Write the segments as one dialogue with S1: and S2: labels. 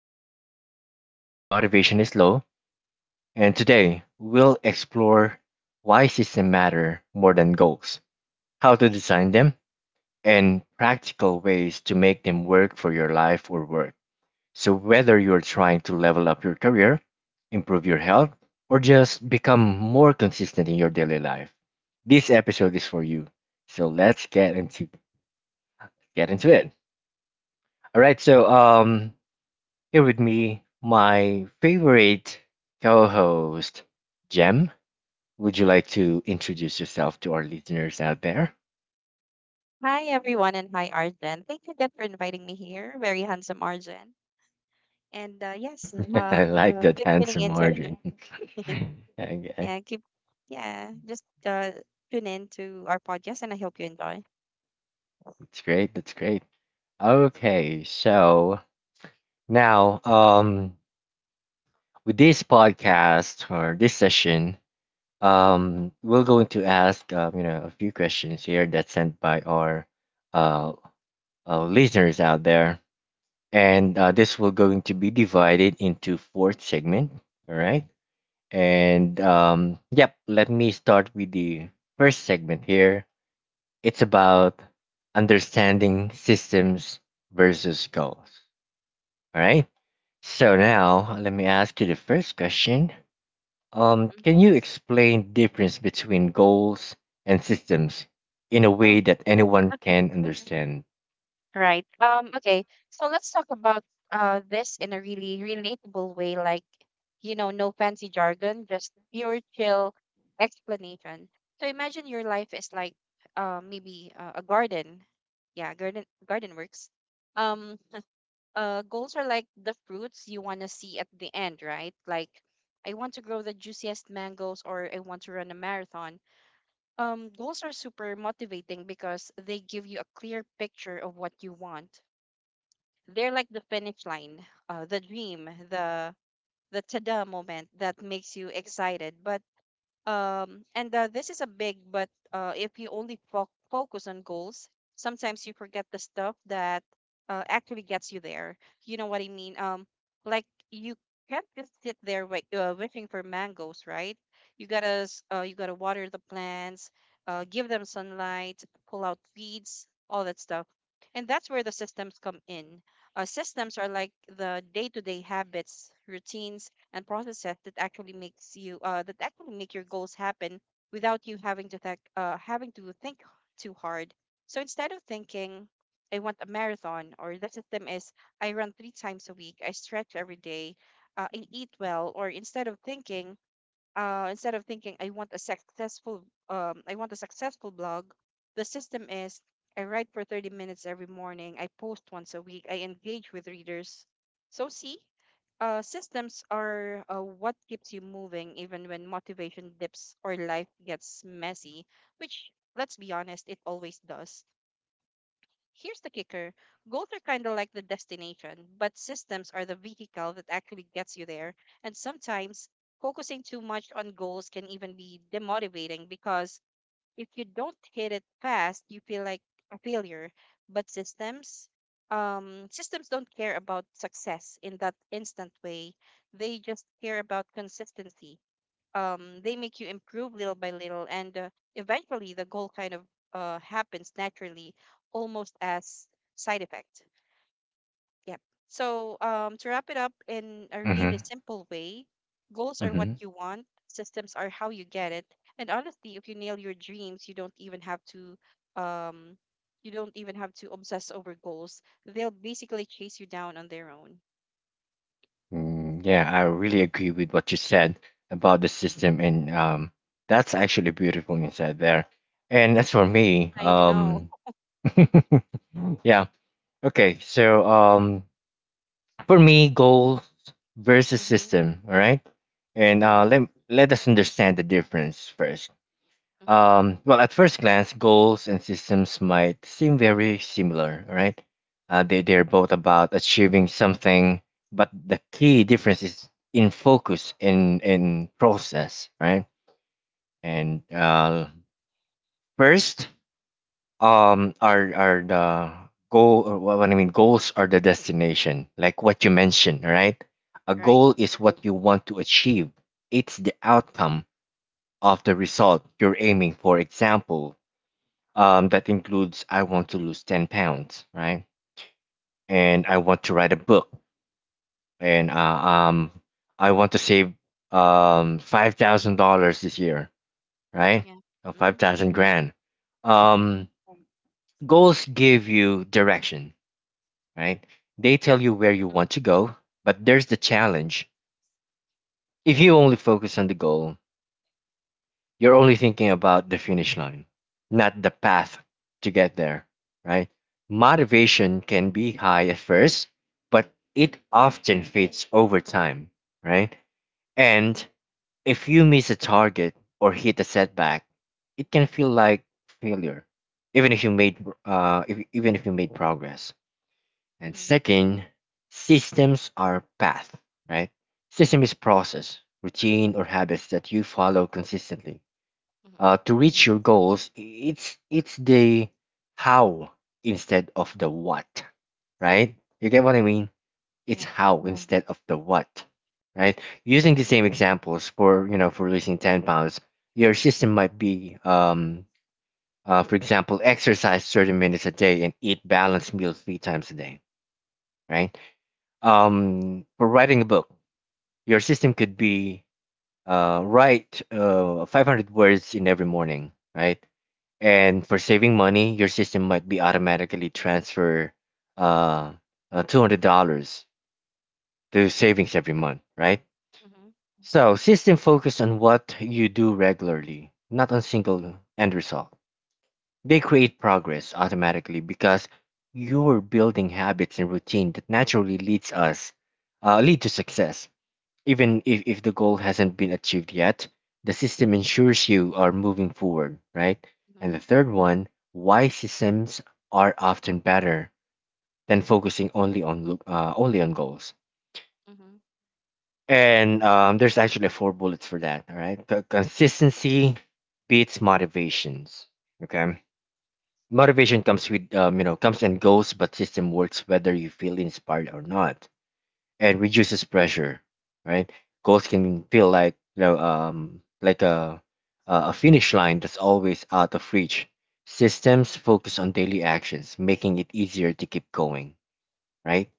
S1: predictable, even when motivation is low. And today we'll explore why systems matter more than goals, how to design them, and practical ways to make them work for your life or work. So, whether you're trying to level up your career, improve your health, or just become more consistent in your daily life, this episode is for you. So, let's get into it. All right, so here with me my favorite co-host Jem. Would you like to introduce yourself to our listeners out there?
S2: Hi, everyone, and hi, Arjen. Thank you again for inviting me here. Very handsome, Arjen. And
S1: I like that
S2: keep tuning
S1: handsome
S2: into
S1: margin. Okay.
S2: and keep, yeah, just tune in to our podcast, and I hope you enjoy.
S1: That's great. That's great. Okay, so now with this podcast or this session, we're going to ask a few questions here that's sent by our uh, listeners out there, and this will going to be divided into four segment. All right, and yep, let me start with the first segment here. It's about understanding systems versus goals. All right. So now let me ask you the first question. Um,
S2: Mhm.
S1: can you explain difference between goals and systems in a
S2: Oh,
S1: way that anyone
S2: okay.
S1: can understand?
S2: Right. Okay. So let's talk about this in a really relatable way, no fancy jargon, just pure chill explanation. So imagine your life is like maybe a garden. Yeah, garden works. Um, Goals are like the fruits you want to see at the end, right? Like I want to grow the juiciest mangoes or I want to run a marathon. Goals are super motivating because they give you a clear picture of what you want. They're like the finish line, the dream, the ta-da moment that makes you excited, but and this is a big, but if you only focus on goals, sometimes you forget the stuff that actually gets you there. You know what I mean? Like you can't just sit there wishing for mangoes, right? You gotta water the plants, give them sunlight, pull out weeds, all that stuff. And that's where the systems come in. Systems are like the day-to-day habits, routines and processes that actually makes you that actually make your goals happen without you having to think too hard. So instead of thinking I want a marathon or the system is I run three times a week, I stretch every day, I eat well, or instead of thinking I want a successful I want a successful blog, the system is I write for 30 minutes every morning, I post once a week, I engage with readers. So see, systems are what keeps you moving even when motivation dips or life gets messy, which, let's be honest, it always does. Here's the kicker: goals are kind of like the destination, but systems are the vehicle that actually gets you there. And sometimes focusing too much on goals can even be demotivating because if you don't hit it fast, you feel like a failure. But systems don't care about success in that instant way. They just care about consistency. They make you improve little by little, and eventually the goal kind of happens naturally, almost as side effect. Yep. So to wrap it up in a really
S1: Mm-hmm.
S2: simple way, goals are
S1: Mm-hmm.
S2: what you want, systems are how you get it, and honestly, if you nail your dreams, you don't even have to. Um, you don't even have to obsess over goals. They'll basically chase you down on their own.
S1: Mm, yeah, I really agree with what you said about the system, and that's actually beautiful inside there. And as for me,
S2: I know.
S1: yeah, okay. So for me, goals versus
S2: Mm-hmm.
S1: system. All right, and
S2: Right.
S1: let us understand the difference first.
S2: Mm-hmm.
S1: Well, at first glance, goals and systems might seem very similar. All right, they're both about achieving something, but the key difference is in focus and in process. Right, and first, are the goal or what I mean, goals are the destination, like what you mentioned, right? A
S2: Right.
S1: goal is what you want to achieve. It's the outcome of the result you're aiming for. Example, that includes I want to lose 10 pounds, right? And I want to write a book. And I want to save $5,000 this year, right?
S2: Yeah.
S1: Or five
S2: Mm-hmm.
S1: thousand grand
S2: Right.
S1: Um goals give you direction, right? They tell you where you want to
S2: Mm-hmm.
S1: go, but there's the challenge. If you only focus on the goal, you're only thinking about the finish line, not the path to get there, right? Motivation can be high at first, but it often fades over time, right? And
S2: Mhm.
S1: if you miss a target or hit a setback, it can feel like failure, even if you made even if you made progress. And
S2: Mhm.
S1: second, systems are path, right? System is process, routine, or habits that you follow consistently.
S2: Mhm.
S1: To reach your goals, it's the how instead of the what, right? You get what I mean? It's
S2: Yeah.
S1: how instead of the what, right? Using the same examples, for losing 10 pounds, your system might be for example, exercise 30 minutes a day and eat balanced meals three times a day,
S2: Mhm.
S1: right? For writing a book, your system could be write 500 words in every morning, right? And for saving money, your system might be automatically transfer uh, $200 to savings every month, right?
S2: Mhm.
S1: So system focus on what you do regularly, not on single end result. They create progress automatically because you're building habits and routine that naturally
S2: Mhm.
S1: lead to success. Even if the goal hasn't been achieved yet, the system ensures you are moving forward, right? And
S2: Mhm.
S1: the third one, why systems are often better than focusing only on goals.
S2: Mhm.
S1: And there's actually four bullets for that. All right. Consistency beats motivations. Okay, motivation comes with you know comes and goes, but system works whether you feel inspired or not. And reduces pressure, right? Goals can feel like a finish line that's always out of reach. Systems focus on daily actions, making it easier to keep going, right?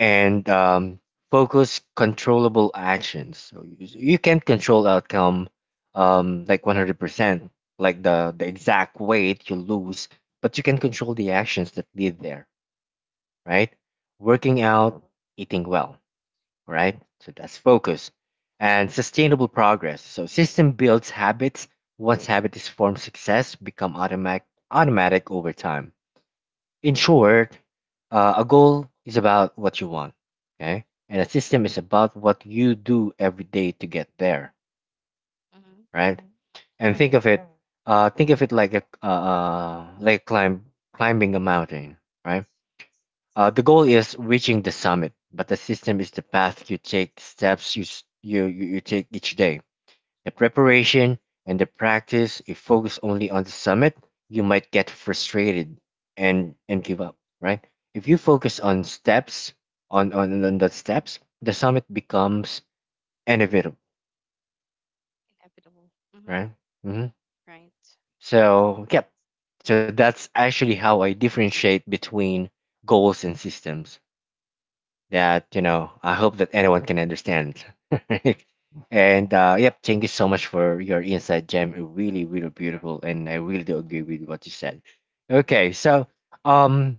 S1: And focus controllable actions. So you can't control outcome, like 100%, like the exact weight you lose, but you can control the actions that lead there, right? Working
S2: Mhm.
S1: out, eating well, right? So that's focus and sustainable progress. So system builds habits. Once habit is formed, success become automatic over time. In short, a goal is about what you want, okay, and a system is about what you do every day to get there,
S2: Mhm.
S1: right? And
S2: Right.
S1: think of it like a climbing a mountain, right? The goal is reaching the summit, but the system is the path you take, the steps you, s- you take each day. The
S2: Mhm.
S1: preparation and the practice, if focus only on the summit, you might get frustrated, and give up, right? If you focus on steps, on the steps, the summit becomes inevitable,
S2: Inevitable. Mhm.
S1: right? hmm
S2: Right.
S1: So, yep. So that's actually how I differentiate between goals and systems, that I hope that anyone can understand. and yep thank you so much for your insight, gem really, really beautiful, and I really do agree with what you said. Okay, so um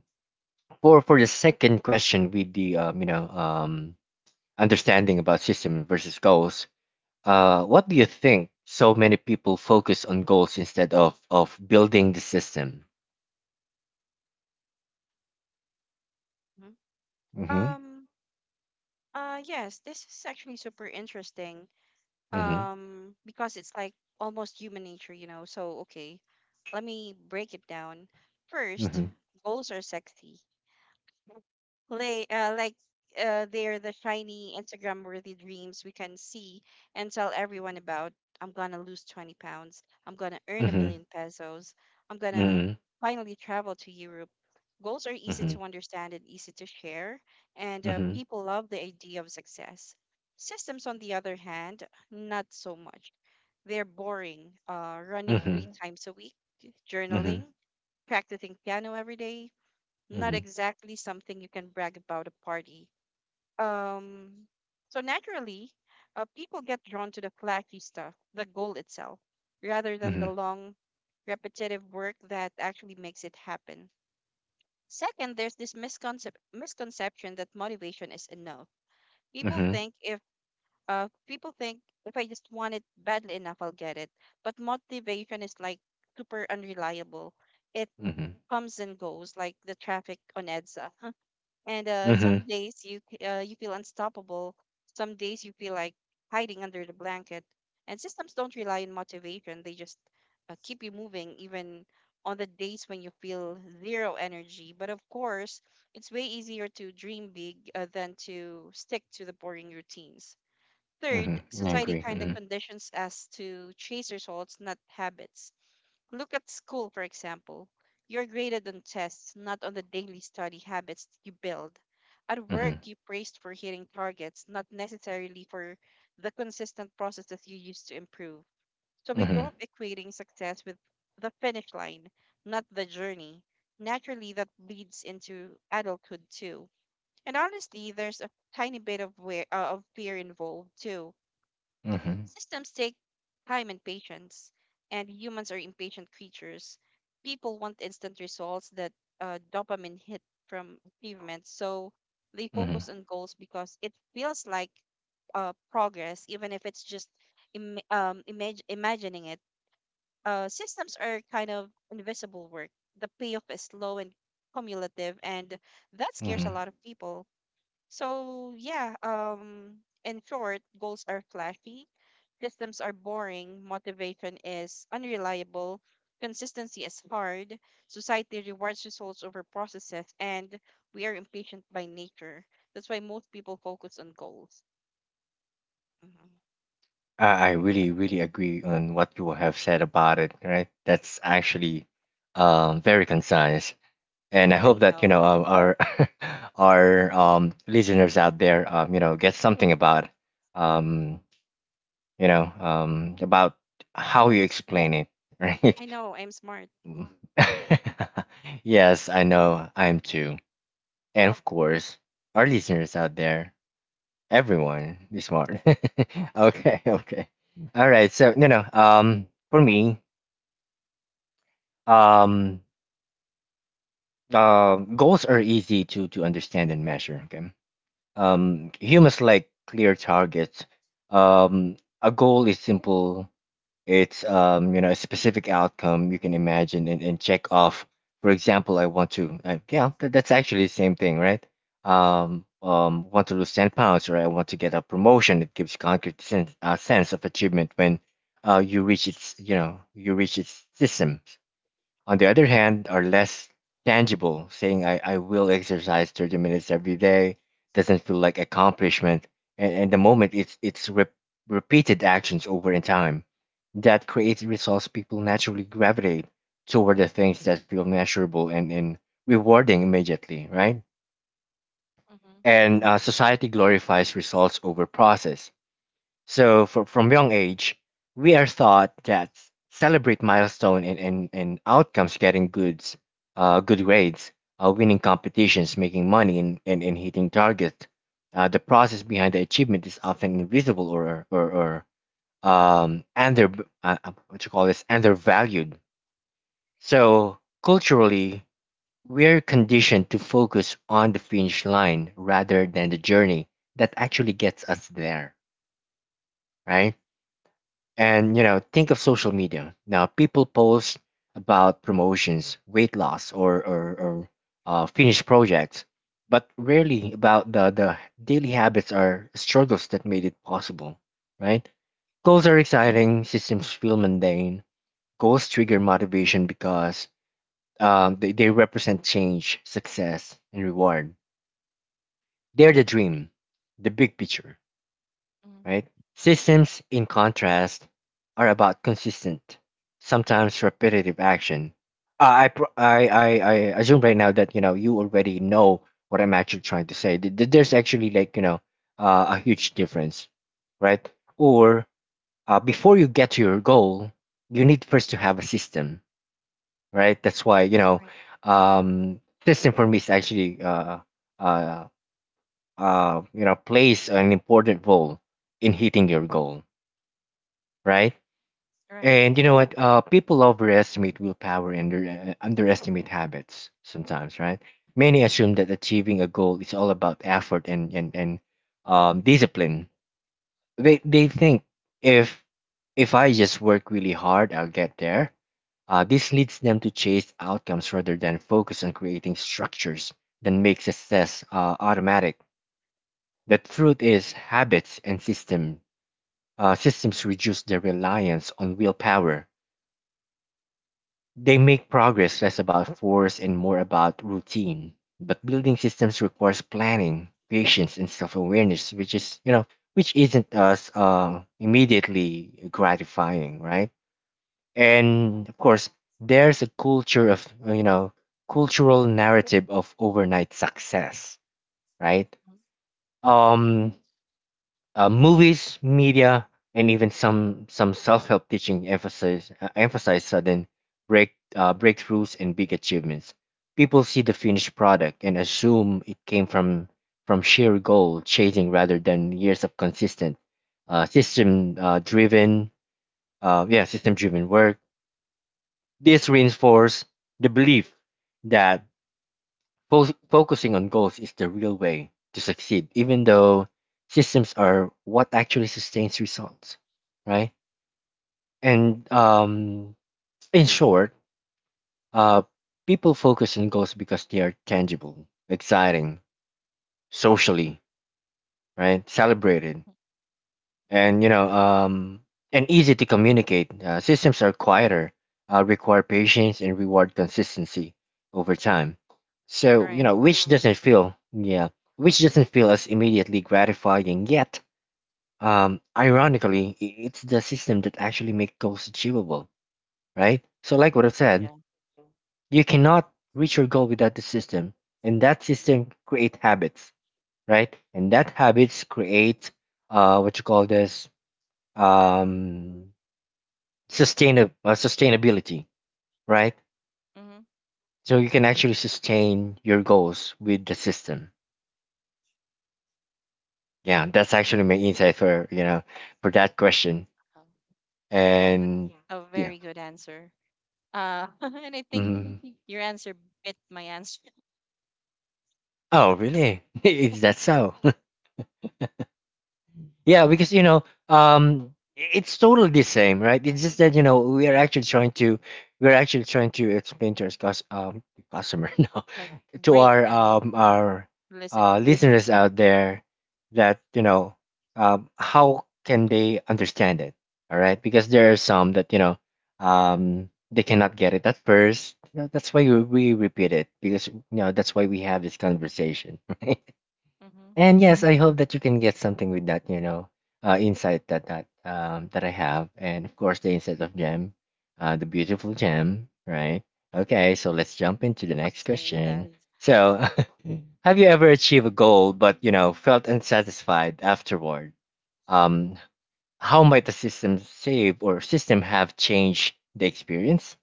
S1: for the second question with the understanding about system versus goals, what do you think so many people focus on goals instead of building the system?
S2: Mhm.
S1: Mm-hmm.
S2: Um, yes, this is actually super interesting.
S1: Mm-hmm.
S2: Because it's like almost human nature, you know. So, okay, let me break it down. First,
S1: Mm-hmm.
S2: goals are sexy. Play like They're the shiny Instagram worthy dreams we can see and tell everyone about. I'm gonna lose 20 pounds. I'm gonna earn a million pesos. I'm gonna
S1: Mm-hmm.
S2: finally travel to Europe. Goals are easy
S1: Mm-hmm.
S2: to understand and easy to share, and
S1: Mm-hmm.
S2: people love the idea of success. Systems, on the other hand, not so much. They're boring, running
S1: Mm-hmm.
S2: three
S1: Mm-hmm.
S2: times a week,
S1: Mm-hmm.
S2: journaling, practicing piano every day, not
S1: Mm-hmm.
S2: exactly something you can brag about a party. Um, so naturally, people get drawn to the flashy stuff, the goal itself, rather than the
S1: Mhm.
S2: long, repetitive work that actually makes it happen. Second, there's this misconception that motivation is enough. People
S1: Mhm.
S2: think if people think if I just want it badly enough, I'll get it. But motivation is like super unreliable. It
S1: Mhm.
S2: comes and goes, like the traffic on EDSA. And
S1: Mhm.
S2: some days you you feel unstoppable. Some days you feel like hiding under the blanket. And systems don't rely on motivation; they just keep you moving, even on the days when you feel zero energy. But of course, it's way easier to dream big than to stick to the boring routines. Third,
S1: Mhm, I
S2: society
S1: agree.
S2: kind of
S1: Mhm.
S2: conditions us to chase results, not habits. Look at school, for example. You're graded on tests, not on the daily study habits you build. At work,
S1: Mhm.
S2: you praised for hitting targets, not necessarily for the consistent processes you used to improve. So we grow
S1: Mhm.
S2: up equating success with the finish line, not the journey. Naturally, that leads into adulthood too. And honestly, there's a tiny bit of, of fear involved too.
S1: Mhm.
S2: Systems take time and patience, and humans are impatient creatures. People want instant results, that dopamine hit from achievements, so they
S1: Mhm.
S2: focus on goals because it feels like progress, even if it's just imagining it. Systems are kind of invisible work. The payoff is slow and cumulative, and that scares a
S1: Mhm.
S2: lot of people. So yeah, in short, goals are flashy, systems are boring, motivation is unreliable, consistency is hard, society rewards results over processes, and we are impatient by nature. That's why most people focus on goals. Hmm.
S1: I really, really agree on what you have said about it, right? That's actually, very concise. And I hope
S2: I
S1: that,
S2: know.
S1: our our listeners out there, get something about, um, about how you
S2: Yes,
S1: explain it, right?
S2: I know. I'm smart.
S1: Mm. Yes, I know. I'm too. And of
S2: Well,
S1: course, our listeners out there. Everyone be smart. Okay, okay. All right. So no, no. For me, um, goals are easy to understand and measure. Okay. Humans like clear targets. A goal is simple. It's a specific outcome you can imagine and check off. For example, I want to I, yeah, that's actually the same thing, right? Want to lose 10 pounds, or I want to get a promotion. It gives concrete sense of achievement when you reach its. System, on the other hand, are less tangible. Saying I will exercise 30 minutes every day doesn't feel like accomplishment. And the moment it's repeated actions over in time that creates results, people naturally gravitate toward the things that feel measurable and rewarding immediately, right?
S2: mm-hmm.
S1: And society glorifies results over process, so from young age, we are taught that celebrate milestone and outcomes, getting good grades, winning competitions, making money, and hitting targets. The process behind the achievement is often invisible, or under what you call this, undervalued. So culturally, we are conditioned to focus on the finish line rather than the journey that actually gets us there, right? And think of social media. Now people post about promotions, weight loss, or finished projects, but rarely about the daily habits or struggles that made it possible. Right? Goals
S2: Mm-hmm.
S1: are exciting. Systems feel mundane. Goals trigger motivation because they represent change, success, and reward. They're the dream, the big picture,
S2: Mm-hmm.
S1: right? Systems, in contrast, are about consistent, sometimes repetitive action. I, pro- I assume right now that you already know what I'm actually trying to say. There's actually, a huge difference, right? Or before you get to your goal, you need first to have a system, right? That's why,
S2: Right.
S1: um, system for me is actually, uh, plays an important role in hitting your goal, right?
S2: Right.
S1: And you know what? People overestimate willpower and underestimate habits sometimes, right? Many assume that achieving a goal is all about effort and discipline. They think if if I just work really hard, I'll get there. This leads them to chase outcomes rather than focus on creating structures that make success automatic. The truth is, habits and system systems reduce their reliance on willpower. They make
S2: Uh-huh.
S1: progress less about force and more about routine. But building systems requires planning, patience, and self-awareness, which is you know which isn't as immediately gratifying, right? And of course, there's a culture of you know cultural narrative of overnight success, right?
S2: Mm-hmm. Hmm.
S1: Um, Movies, media, and even some self-help teaching emphasize sudden breakthroughs and big achievements. People see the finished product and assume it came from sheer goal chasing rather than years of consistent uh, system uh, driven yeah system driven work. This reinforces the belief that focusing on goals is the real way to succeed, even though systems are what actually sustains results, right? And In short, uh, people focus on goals because they are tangible, exciting, socially, right? Celebrated,
S2: Yeah.
S1: and you know and easy to communicate. Systems are quieter, require patience, and reward consistency over time. So you
S2: Right.
S1: know which doesn't feel yeah which doesn't feel as immediately gratifying yet. Ironically, it's the system that actually makes goals achievable, right? So like what I
S2: Oh,
S1: said,
S2: yeah.
S1: you cannot reach your goal without the system, and that system create habits, right? And that habits create what you call this um sustainability, right?
S2: Mm-hmm.
S1: So you can actually sustain your goals with the system. Yeah,
S2: Mm-hmm.
S1: that's actually my insight for for that question.
S2: Oh, yeah, that's
S1: And
S2: a
S1: yeah,
S2: very good answer. And I think
S1: mhm.
S2: your answer bit my answer.
S1: Oh really? Is that so? Yeah,
S2: Uh,
S1: because you know, it's totally the same, right? It's just that you know
S2: right.
S1: we're actually trying to explain to our customer
S2: Like
S1: to our
S2: breakdown,
S1: um
S2: mhm,
S1: our
S2: listeners.
S1: listeners out there that you know how can they understand it, all right, because there are some that you know they cannot get it at first, you know, that's why we repeat it, because you know that's why we have this conversation.
S2: Mm-hmm.
S1: And yes, I hope that you can get something with that, you know, insight that I have, and of course the insight of Gem, the beautiful Gem, right? Okay, so let's jump into the
S2: Stop
S1: next
S2: saying that.
S1: question. So, have you ever achieved a goal but you know felt unsatisfied afterward? Um, how might the system save or system have changed the experience?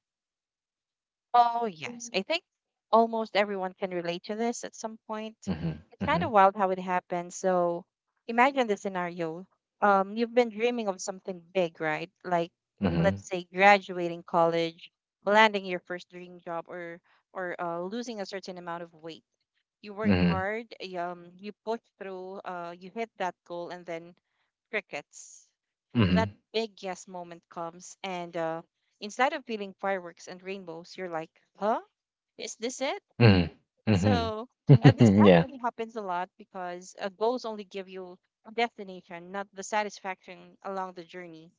S2: Oh, yes. I think almost everyone can relate to this at some point.
S1: Mm-hmm,
S2: It's kind
S1: mm-hmm,
S2: of wild how it happens. So imagine the scenario. You've been dreaming of something big, right? Like,
S1: mm-hmm,
S2: let's say graduating college, landing your first dream job, or losing a certain amount of weight. You work
S1: mm-hmm,
S2: hard, you push through, you hit that goal, and then crickets. That
S1: mm-hmm,
S2: big yes moment comes, and instead of feeling fireworks and rainbows, you're like, huh? Is this it?
S1: mm-hmm,
S2: So, this
S1: mm-hmm. Yeah,
S2: actually happens a lot because goals only give you a destination, not the satisfaction along the journey.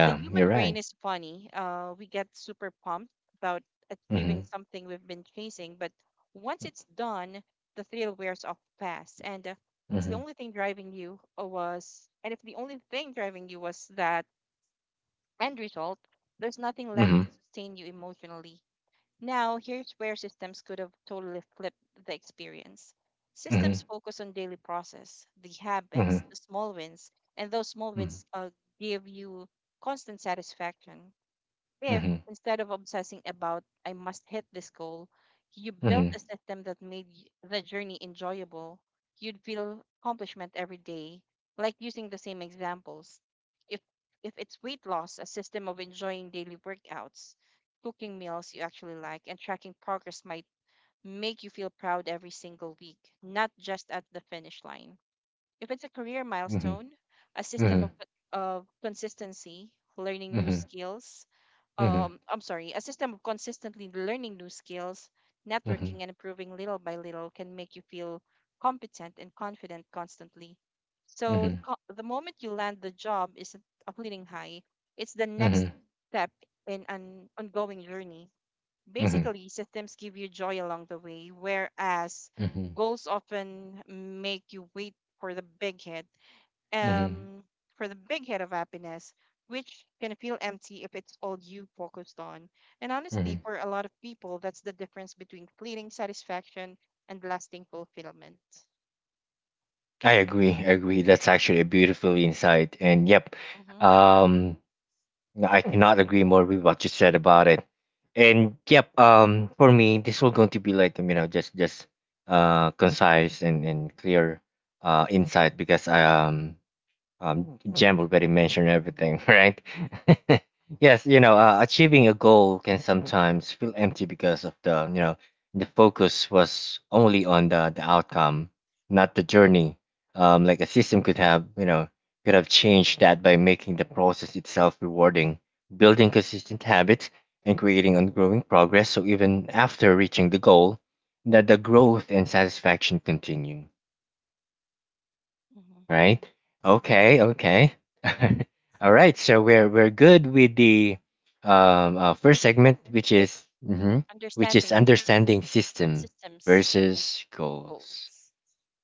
S2: The human
S1: you're
S2: brain
S1: right.
S2: is funny. We get super pumped about
S1: Mm-hmm.
S2: achieving something we've been chasing, but once
S1: M
S2: it's done, the thrill wears off fast. And it's the
S1: mhm,
S2: only thing driving you was, and if the only thing driving you was that end result, there's nothing left
S1: mhm,
S2: to sustain you emotionally. Now, here's where systems could have totally flipped the experience.
S1: mhm,
S2: Systems focus on daily process, the habits,
S1: mhm,
S2: the small wins, and those small wins give you constant satisfaction. If
S1: mhm,
S2: instead of obsessing about, I must hit this goal, you built
S1: mhm,
S2: a system that made the journey enjoyable, you'd feel accomplishment every day. Like using the same examples. If, if it's weight loss, a system of enjoying daily workouts, cooking meals you actually like, and tracking progress might make you feel proud every single week, not just at the finish line. If it's a career
S1: mhm,
S2: milestone, a
S1: mhm,
S2: system
S1: mhm,
S2: of, of consistency, learning new skills,
S1: mhm, mhm, mhm,
S2: I'm sorry, a system of consistently learning new skills,
S1: mhm,
S2: networking, and improving little by little can make you feel competent and confident constantly. So
S1: mhm,
S2: the moment you land the job isn't a fleeting high, it's the next
S1: mhm,
S2: step in an ongoing journey. Basically, systems give you joy along the way, whereas
S1: mhm,
S2: goals often make you wait for the big hit,
S1: mhm,
S2: um, for the big hit of happiness, which can feel empty if it's all you focused on. And honestly,
S1: mhm.
S2: for a lot of people, that's the difference between fleeting satisfaction and lasting fulfillment.
S1: I agree. I agree. That's actually a beautiful insight. And yep,
S2: Mm-hmm.
S1: um, I cannot agree more with what you said about it. And yep, for me, this will going to be like you know just concise and clear insight because Jen already mentioned everything, right? Yes, you know, achieving a goal can sometimes feel empty because of the, you know, the focus was only on the outcome, not the journey. Like a system could have, you know, could have changed that by making the process itself rewarding, building consistent habits, and creating ongoing progress. So even after reaching the goal, that the growth and satisfaction continue,
S2: Mm-hmm.
S1: right?
S2: Right.
S1: Okay, okay. All right, so we're good with the first
S2: First
S1: segment,
S2: segment,
S1: which is mhm, which is
S2: understanding
S1: understanding system
S2: systems and
S1: versus goals.
S2: goals.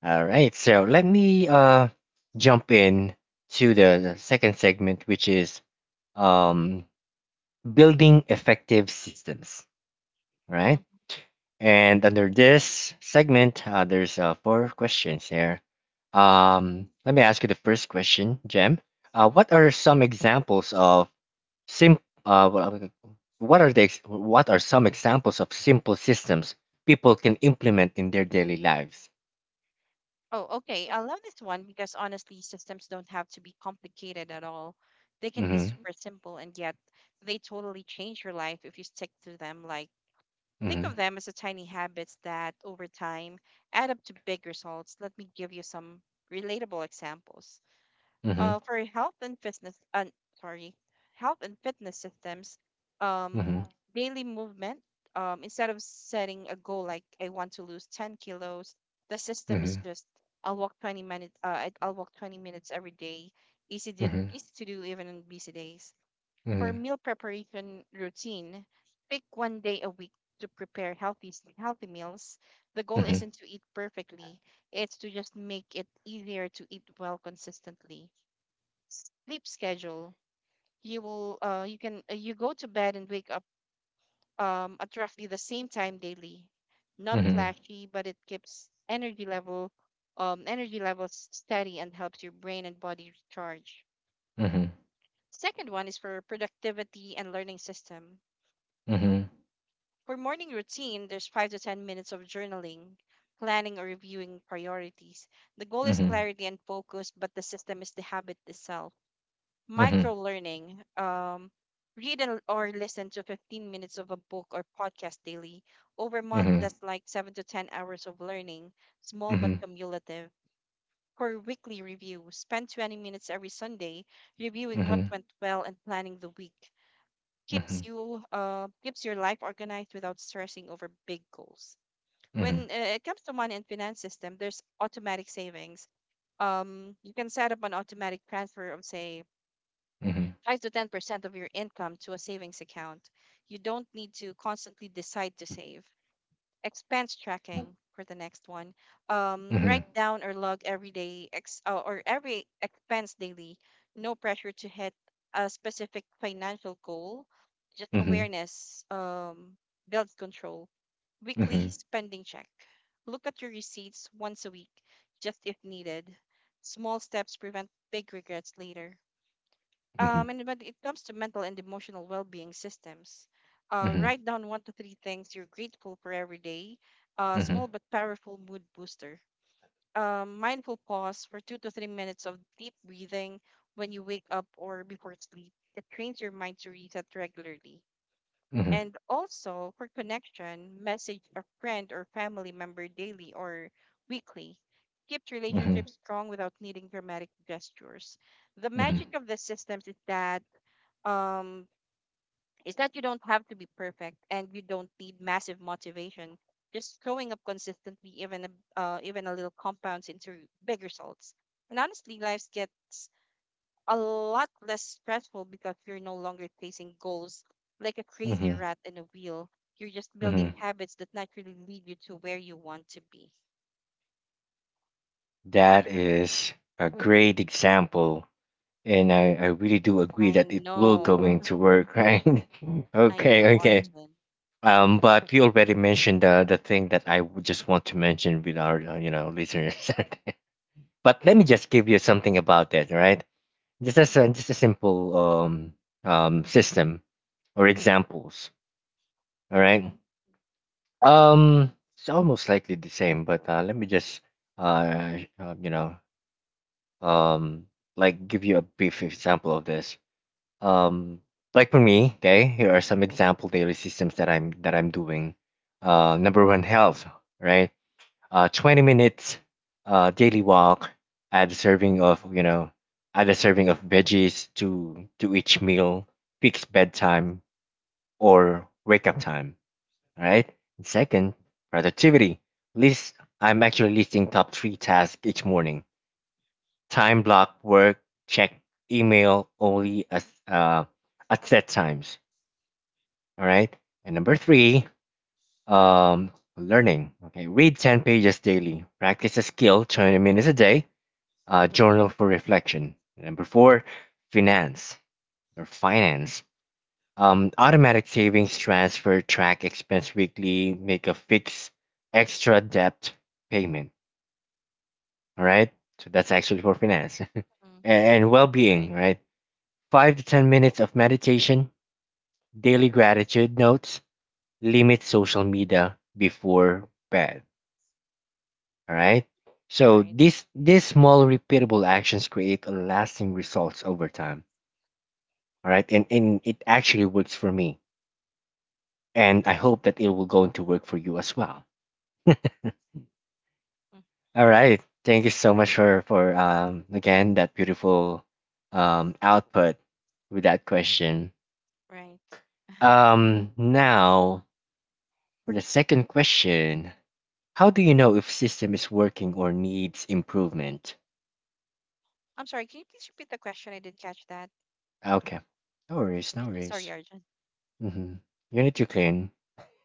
S1: All right, so let me jump in to the second segment, which is um building effective systems. Right.
S2: Mm-hmm.
S1: And under this segment, there's four questions here. Let me ask you the first question, Jem. What are some examples of sim? Uh, what what are the ex- What are some examples of simple systems people can implement in their daily lives?
S2: Oh, okay. I love this one because honestly, systems don't have to be complicated at all. They can be
S1: Mm-hmm.
S2: super simple, and yet they totally change your life if you stick to them. Like, think of
S1: Mm-hmm.
S2: them as a tiny habits that over time add up to big results. Let me give you some relatable examples.
S1: Mm-hmm.
S2: For health and fitness, and sorry, health and fitness systems, um
S1: Mm-hmm.
S2: daily movement. Instead of setting a goal like I want to lose 10 kilos, the system is just I'll walk 20 minutes every day.
S1: Mm-hmm.
S2: Easy to do even on busy days. For
S1: Mm-hmm.
S2: meal preparation routine, pick one day a week to prepare healthy meals. The goal
S1: Mm-hmm.
S2: isn't to eat perfectly, it's to just make it easier to eat well consistently. Sleep schedule. You will you can You go to bed and wake up at roughly the same time daily. Not
S1: Mm-hmm. Mm-hmm.
S2: flashy, but it keeps energy levels steady and helps your brain and body recharge.
S1: Mm-hmm.
S2: Second one is for productivity and learning system.
S1: Mm-hmm.
S2: For morning routine, there's 5 to 10 minutes of journaling, planning or reviewing priorities. The goal is
S1: Mm-hmm.
S2: clarity and focus, but the system is the habit itself.
S1: Mm-hmm. Mm-hmm.
S2: Micro learning, read or listen to 15 minutes of a book or podcast daily. Over a
S1: Mm-hmm.
S2: month
S1: Mm-hmm.
S2: that's like 7 to 10 hours of learning, small but cumulative. For weekly review, spend 20 minutes every Sunday reviewing what
S1: Mm-hmm.
S2: went well and planning the week. Keeps
S1: Mm-hmm,
S2: you keeps your life organized without stressing over big goals. When
S1: mm-hmm,
S2: it comes to money and finance system, there's automatic savings. You can set up an automatic transfer of, say,
S1: mm-hmm.
S2: 5 to 10% of your income to a savings account. You don't need to constantly decide to save. Expense tracking for the next one.
S1: Mhm.
S2: Write down or log every day or every expense daily. No pressure to hit a specific financial goal. Just
S1: Mhm.
S2: awareness, builds control. Weekly
S1: Mhm.
S2: spending check. Look at your receipts once a week, just if needed. Small steps prevent big regrets later.
S1: Mhm.
S2: And when it comes to mental and emotional well-being systems,
S1: Mhm.
S2: write down one to three things you're grateful for every day. Small
S1: Mhm.
S2: but powerful mood booster. Mindful pause for 2 to 3 minutes of deep breathing when you wake up or before sleep. It trains your mind to reset regularly.
S1: Mhm.
S2: And also for connection, message a friend or family member daily or weekly. Keeps
S1: Mhm.
S2: relationships strong without needing dramatic gestures. The magic
S1: Mhm.
S2: of the systems um is that you don't have to be perfect and you don't need massive motivation. Just showing up consistently, even a little, compounds into big results. And honestly, life gets a lot less stressful because you're no longer chasing goals like a crazy
S1: Mhm.
S2: rat in a wheel. You're just building
S1: Mhm.
S2: habits that naturally lead you to where you want to be.
S1: That is a great example, and I really do agree
S2: I
S1: that it will
S2: know.
S1: going to work, right?
S2: I know,
S1: Okay, okay.
S2: Arjun.
S1: But you already mentioned the thing that I would just want to mention with our listeners. But let me
S2: Mm-hmm.
S1: just give you something about that, right? Just as a, just a simple system or examples. All right.
S2: Mm-hmm.
S1: Um, it's almost likely the same, but let me just, sh- you know, um, like give you a brief example of this. Um, like for me, okay, here are some example daily systems that I'm doing. Number one, health, right? 20 minutes, daily walk. Add a serving of, you know, add a serving of veggies to each meal. Fix bedtime or wake up time, right? And second, productivity. List I'm actually listing top three tasks each morning. Time block, work, check email only at set times. All right. And number three, um, learning. Okay, read 10 pages daily. Practice a skill 20 minutes a day. Journal for reflection. Number four, finance finance. Automatic savings, transfer, track expense weekly, make a fixed extra debt payment. All right. So that's actually for finance
S2: Mm-hmm.
S1: and well
S2: Right.
S1: being, right? 5 to 10 minutes of meditation, daily gratitude notes, limit social media before bed. All right. So
S2: Right.
S1: these small repeatable actions create a lasting results over time. All right. And it actually works for me. And I hope that it will go into work for you as well.
S2: Mm.
S1: All right. Thank you so much for again that beautiful output with that question.
S2: Right.
S1: Now for the second question, how do you know if system is working or needs improvement?
S2: I'm sorry, can you please repeat the question? I didn't catch that.
S1: Okay. No worries, no worries.
S2: Sorry, Arjun.
S1: Mm-hmm. You need to clean.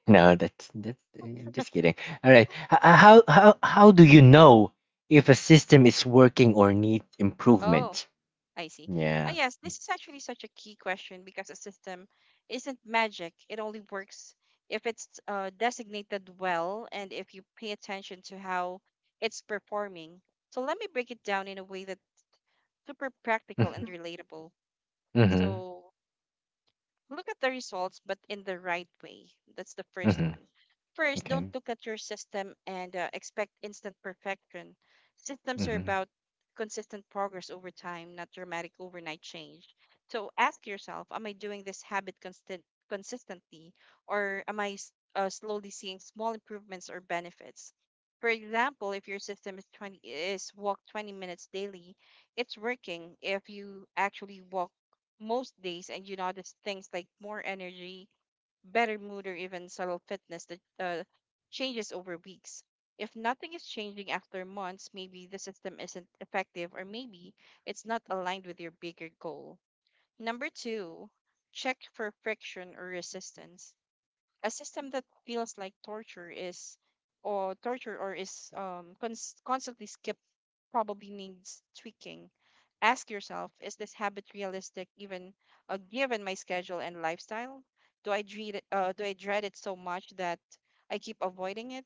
S1: No, that's just kidding. All right. How do you know if a system is working or needs
S2: Oh,
S1: improvement?
S2: I see. Ah,
S1: Yeah.
S2: yes, this is actually such a key question because a system isn't magic. It only works if it's designated well and if you pay attention to how it's performing. So let me break it down in a way that's super practical
S1: Mm-hmm.
S2: and relatable.
S1: Mm-hmm.
S2: So look at the results, but in the right way. That's the first
S1: Mm-hmm.
S2: one. First, don't
S1: Okay.
S2: look at your system and expect instant perfection. Systems are
S1: Mhm.
S2: about consistent progress over time, not dramatic overnight change. So ask yourself, am I doing this habit constant consistently, or am I slowly seeing small improvements or benefits? For example, if your system is 20 is walk 20 minutes daily, it's working if you actually walk most days and you notice things like more energy, better mood, or even subtle fitness that changes over weeks. If nothing is changing after months, maybe the system isn't effective, or maybe it's not aligned with your bigger goal. Number two, check for friction or resistance. A system that feels like torture, or is constantly skipped, probably needs tweaking. Ask yourself: is this habit realistic, even given my schedule and lifestyle? Do I dread it so much that I keep avoiding it?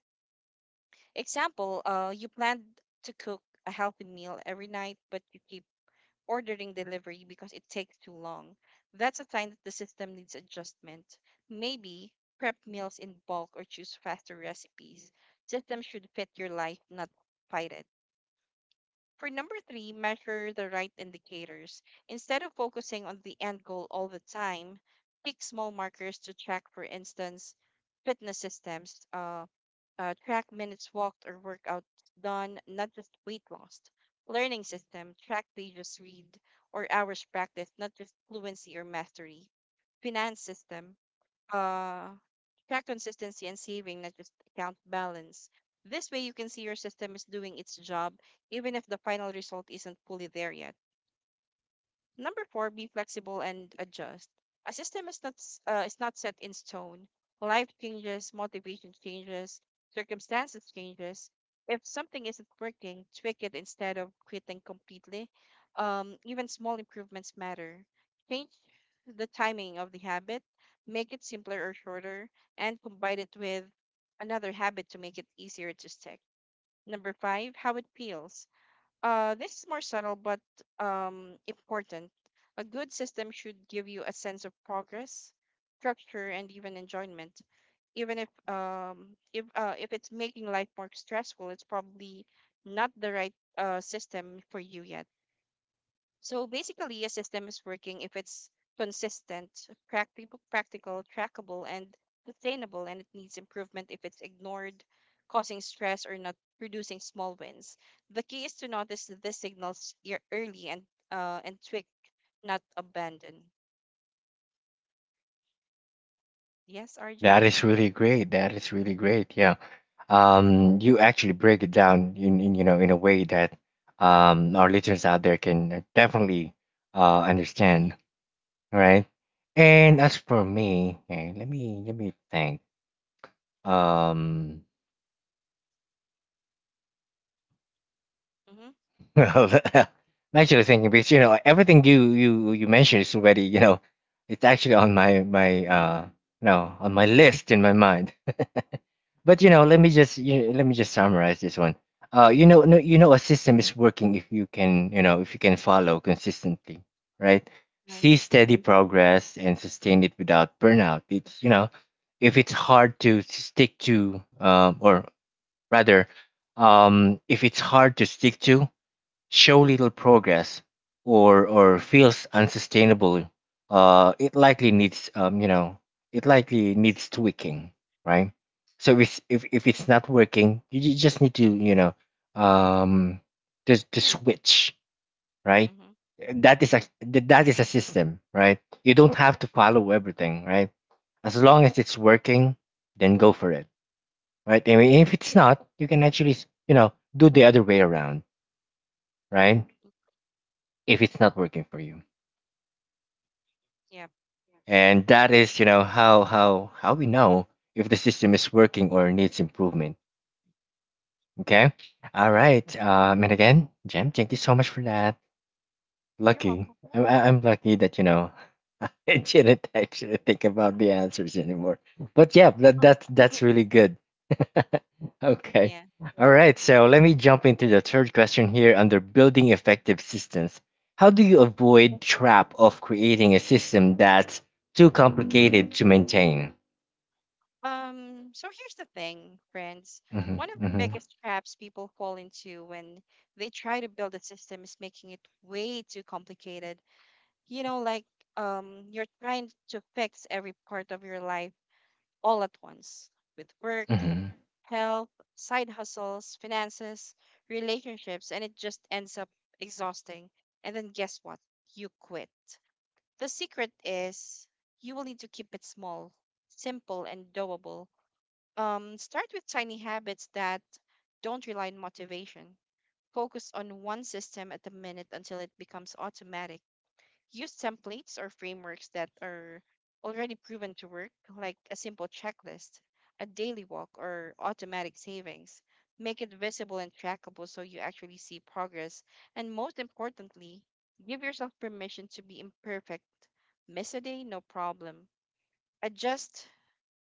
S2: Example: you planned to cook a healthy meal every night, but you keep ordering delivery because it takes too long. That's a sign that the system needs adjustment. Maybe prep meals in bulk or choose faster recipes. Systems should fit your life, not fight it. For number three, measure the right indicators. Instead of focusing on the end goal all the time, pick small markers to track. For instance, fitness systems. Track minutes walked or workouts done, not just weight loss. Learning system, track pages read or hours practiced, not just fluency or mastery. Finance system, uh, track consistency and saving, not just account balance. This way, you can see your system is doing its job, even if the final result isn't fully there yet. Number four, be flexible and adjust. A system is not s- is not set in stone. Life changes, motivation changes, circumstances changes. If something isn't working, tweak it instead of quitting completely. Even small improvements matter. Change the timing of the habit, make it simpler or shorter, and combine it with another habit to make it easier to stick. Number five, how it feels. This is more subtle but important. A good system should give you a sense of progress, structure, and even enjoyment. Even if it's making life more stressful, it's probably not the right system for you yet. So basically, a system is working if it's consistent, practical, trackable, and sustainable, and it needs improvement if it's ignored, causing stress, or not producing small wins. The key is to notice the signals early and tweak, not abandon. Yes,
S1: That
S2: Arjun.
S1: is really great. That is really great. Yeah. You actually break it down in, in a way that our listeners out there can definitely
S2: Mm-hmm.
S1: understand. All right? And
S2: Right.
S1: as for me, okay, let me think. Um,
S2: Mm-hmm.
S1: well, I'm actually thinking because you know everything you mentioned is already you know it's actually on my my no on my list in my mind. But you know,
S2: Yeah.
S1: let me just summarize this one. You know, no, you know, a system is working if you can, you know, if you can follow consistently, right?
S2: Right.
S1: See steady progress and sustain it without burnout. It's you know, if it's hard to stick to, rather, if it's hard to stick to, show little progress, or feels unsustainable, it likely needs it likely needs tweaking, right? So if it's not working, you just need to you know um to switch, right?
S2: Mm-hmm.
S1: That is that is a system, right? You don't have to follow everything, right? As long as it's working, then go for it, right? I mean, if it's not, you can actually you know do the other way around, right? If it's not working for you.
S2: Yep.
S1: And that is you know how we know if the system is working or needs improvement, okay, all
S2: Yep.
S1: right. And again, Jem, thank you so much for that.
S2: You're welcome.
S1: I- I'm lucky that you know I didn't actually think about the answers anymore, but yeah, that's really good. Okay,
S2: Yeah.
S1: all right, so let me jump into the third question here under building effective systems. How do you avoid trap of creating a system that's too complicated to maintain?
S2: So here's the thing, friends.
S1: Mhm,
S2: One of the
S1: mhm,
S2: biggest traps people fall into when they try to build a system is making it way too complicated. You know, like, you're trying to fix every part of your life all at once with work,
S1: mhm,
S2: health, side hustles, finances, relationships, and it just ends up exhausting. And then guess what? You quit. The secret is you will need to keep it small, simple, and doable. Start with tiny habits that don't rely on motivation. Focus on one system at a minute until it becomes automatic. Use templates or frameworks that are already proven to work, like a simple checklist, a daily walk, or automatic savings. Make it visible and trackable so you actually see progress. And most importantly, give yourself permission to be imperfect. Miss a day, no problem. Adjust,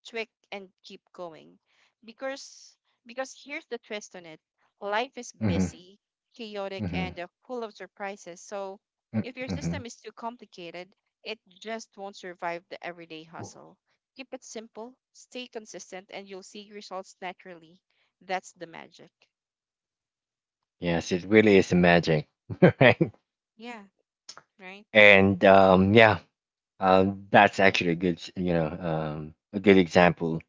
S2: tweak, and keep going, because because here's the twist on it: life is
S1: mhm,
S2: busy, chaotic,
S1: mhm,
S2: and full of surprises. So
S1: mm,
S2: if your
S1: mhm.
S2: system is too complicated, it just won't survive the everyday hustle. Keep it simple, stay consistent, and you'll see results naturally. That's the magic.
S1: Yes, it really is magic, right?
S2: Yeah. Right.
S1: And um, yeah, that's actually a good, s- you know, a good example.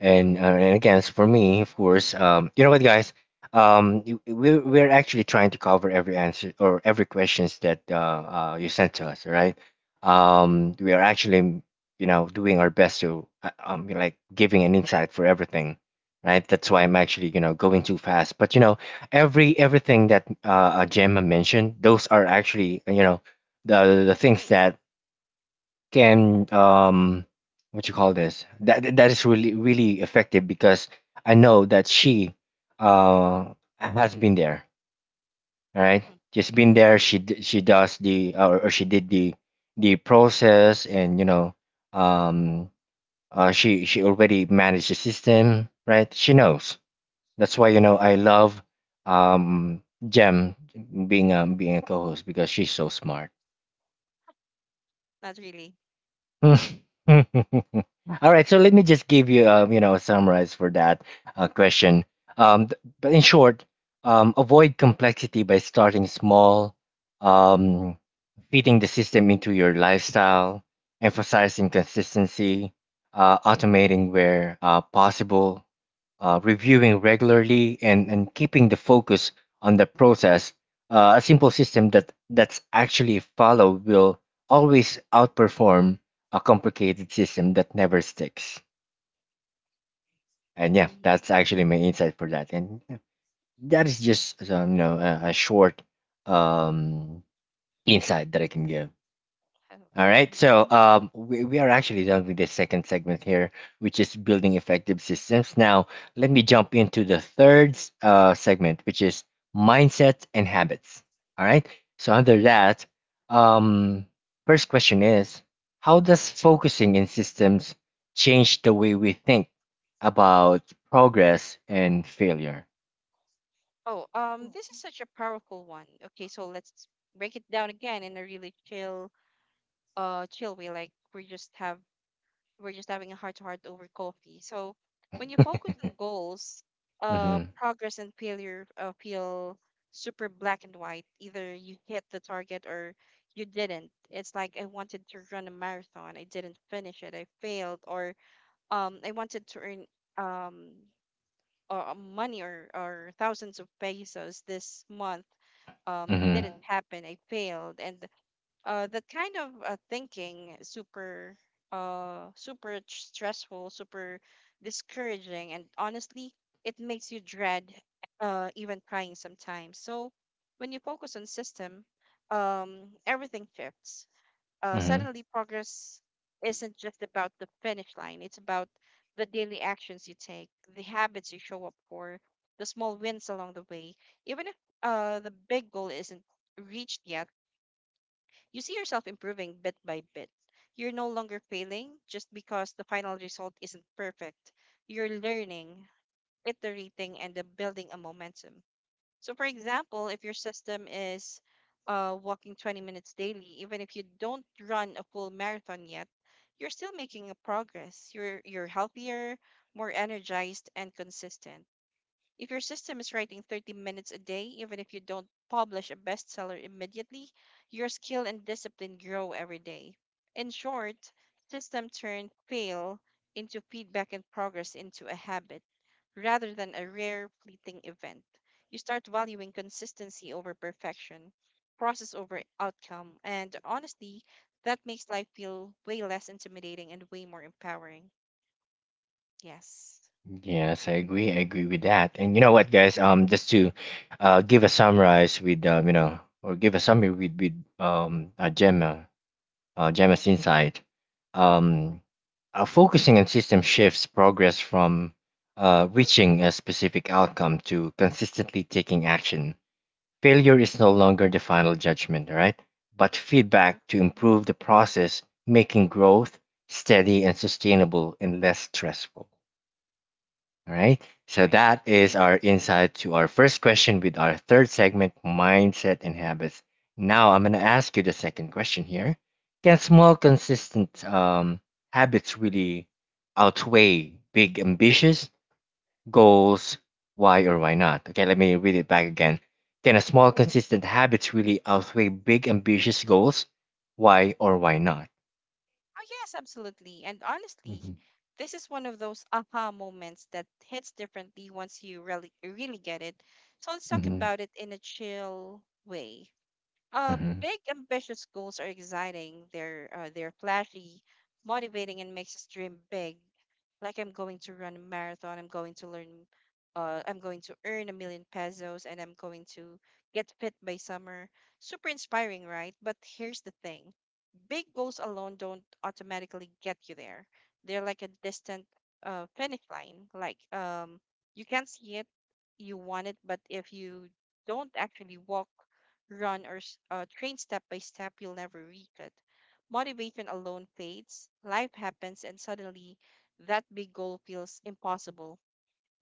S1: And again, as for me, of course, what, guys? We're actually trying to cover every answer or every questions that you sent to us, all right? We are actually doing our best to like giving an insight for everything, right? That's why I'm actually going too fast. But you know, everything that Gemma mentioned, those are actually the things that can what you call this that is really effective. Because I know that she uh has been there, right?
S2: Mm.
S1: She's been there, she she does the or she did the process. And you know, um she already managed the system, right? She knows. That's why I love um Jem being being a co-host, because she's so smart.
S2: Not really.
S1: Mm. All right, so let me just give you, you know, a summarize for that question. But in short, avoid complexity by starting small, um, fitting the system into your lifestyle, emphasizing consistency, automating where possible, reviewing regularly, and keeping the focus on the process. A simple system that's actually followed will always outperform a complicated system that never sticks. And yeah,
S2: Hmm.
S1: that's actually my insight for that. And yeah, that is just you know, a short um, insight that I can give. All
S2: Okay.
S1: right, so we are actually done with the second segment here, which is building effective systems. Now, let me jump into the third segment, which is mindset and habits. All right, so under that, um, first question is, how does focusing in systems change the way we think about progress and failure?
S2: Oh, this is such a powerful one. Okay, so let's break it down again in a really chill way, like we're just having a heart to heart over coffee. So when you focus on goals,
S1: Mm-hmm,
S2: progress and failure feel super black and white. Either you hit the target or you didn't. It's like, I wanted to run a marathon, I didn't finish it, I failed. Or I wanted to earn um or money, or thousands of pesos this month,
S1: mm-hmm,
S2: didn't happen, I failed. And that kind of thinking is super stressful, super discouraging, and honestly it makes you dread even trying sometimes. So when you focus on system, everything shifts.
S1: mm-hmm.
S2: Suddenly progress isn't just about the finish line. It's about the daily actions you take, the habits you show up for, the small wins along the way. Even if the big goal isn't reached yet, you see yourself improving bit by bit. You're no longer failing just because the final result isn't perfect. You're learning, iterating, and then building a momentum. So, for example, if your system is walking 20 minutes daily, even if you don't run a full marathon yet, you're still making a progress. You're healthier, more energized, and consistent. If your system is writing 30 minutes a day, even if you don't publish a bestseller immediately, your skill and discipline grow every day. In short, system turn fail into feedback and progress into a habit rather than a rare fleeting event. You start valuing consistency over perfection, process over outcome, and honestly, that makes life feel way less intimidating and way more empowering. Yes.
S1: Yes, I agree. I agree with that. And you know what, guys?
S2: Uh-huh.
S1: Just to give a summarize with or give a summary with Gemma's insight. Um, Focusing on system shifts progress from reaching a specific outcome to consistently taking action. Failure is no longer the final judgment, all right? But
S2: Mhm.
S1: feedback to improve the process, making growth steady and sustainable and less stressful. All right. So
S2: Right.
S1: that is our insight to our first question with our third segment, mindset and habits. Now I'm going to ask you the second question here. Can small, consistent habits really outweigh big, ambitious goals? Why or why not? Okay, let me read it back again. Can a small, consistent habits really outweigh big, ambitious goals? Why or why not?
S2: Oh, yes, absolutely. And honestly,
S1: Mm-hmm.
S2: this is one of those aha moments that hits differently once you really really get it. So let's talk
S1: Mm-hmm.
S2: about it in a chill way.
S1: Mm-hmm.
S2: Big ambitious goals are exciting. They're flashy, motivating, and makes us dream big. Like, I'm going to run a marathon. I'm going to learn. I'm going to earn 1,000,000 pesos, and I'm going to get fit by summer. Super inspiring, right? But here's the thing, big goals alone don't automatically get you there. They're like a distant finish line. Like, you can't see it, you want it, but if you don't actually walk, run, or train step by step, you'll never reach it. Motivation alone fades, life happens, and suddenly that big goal feels impossible.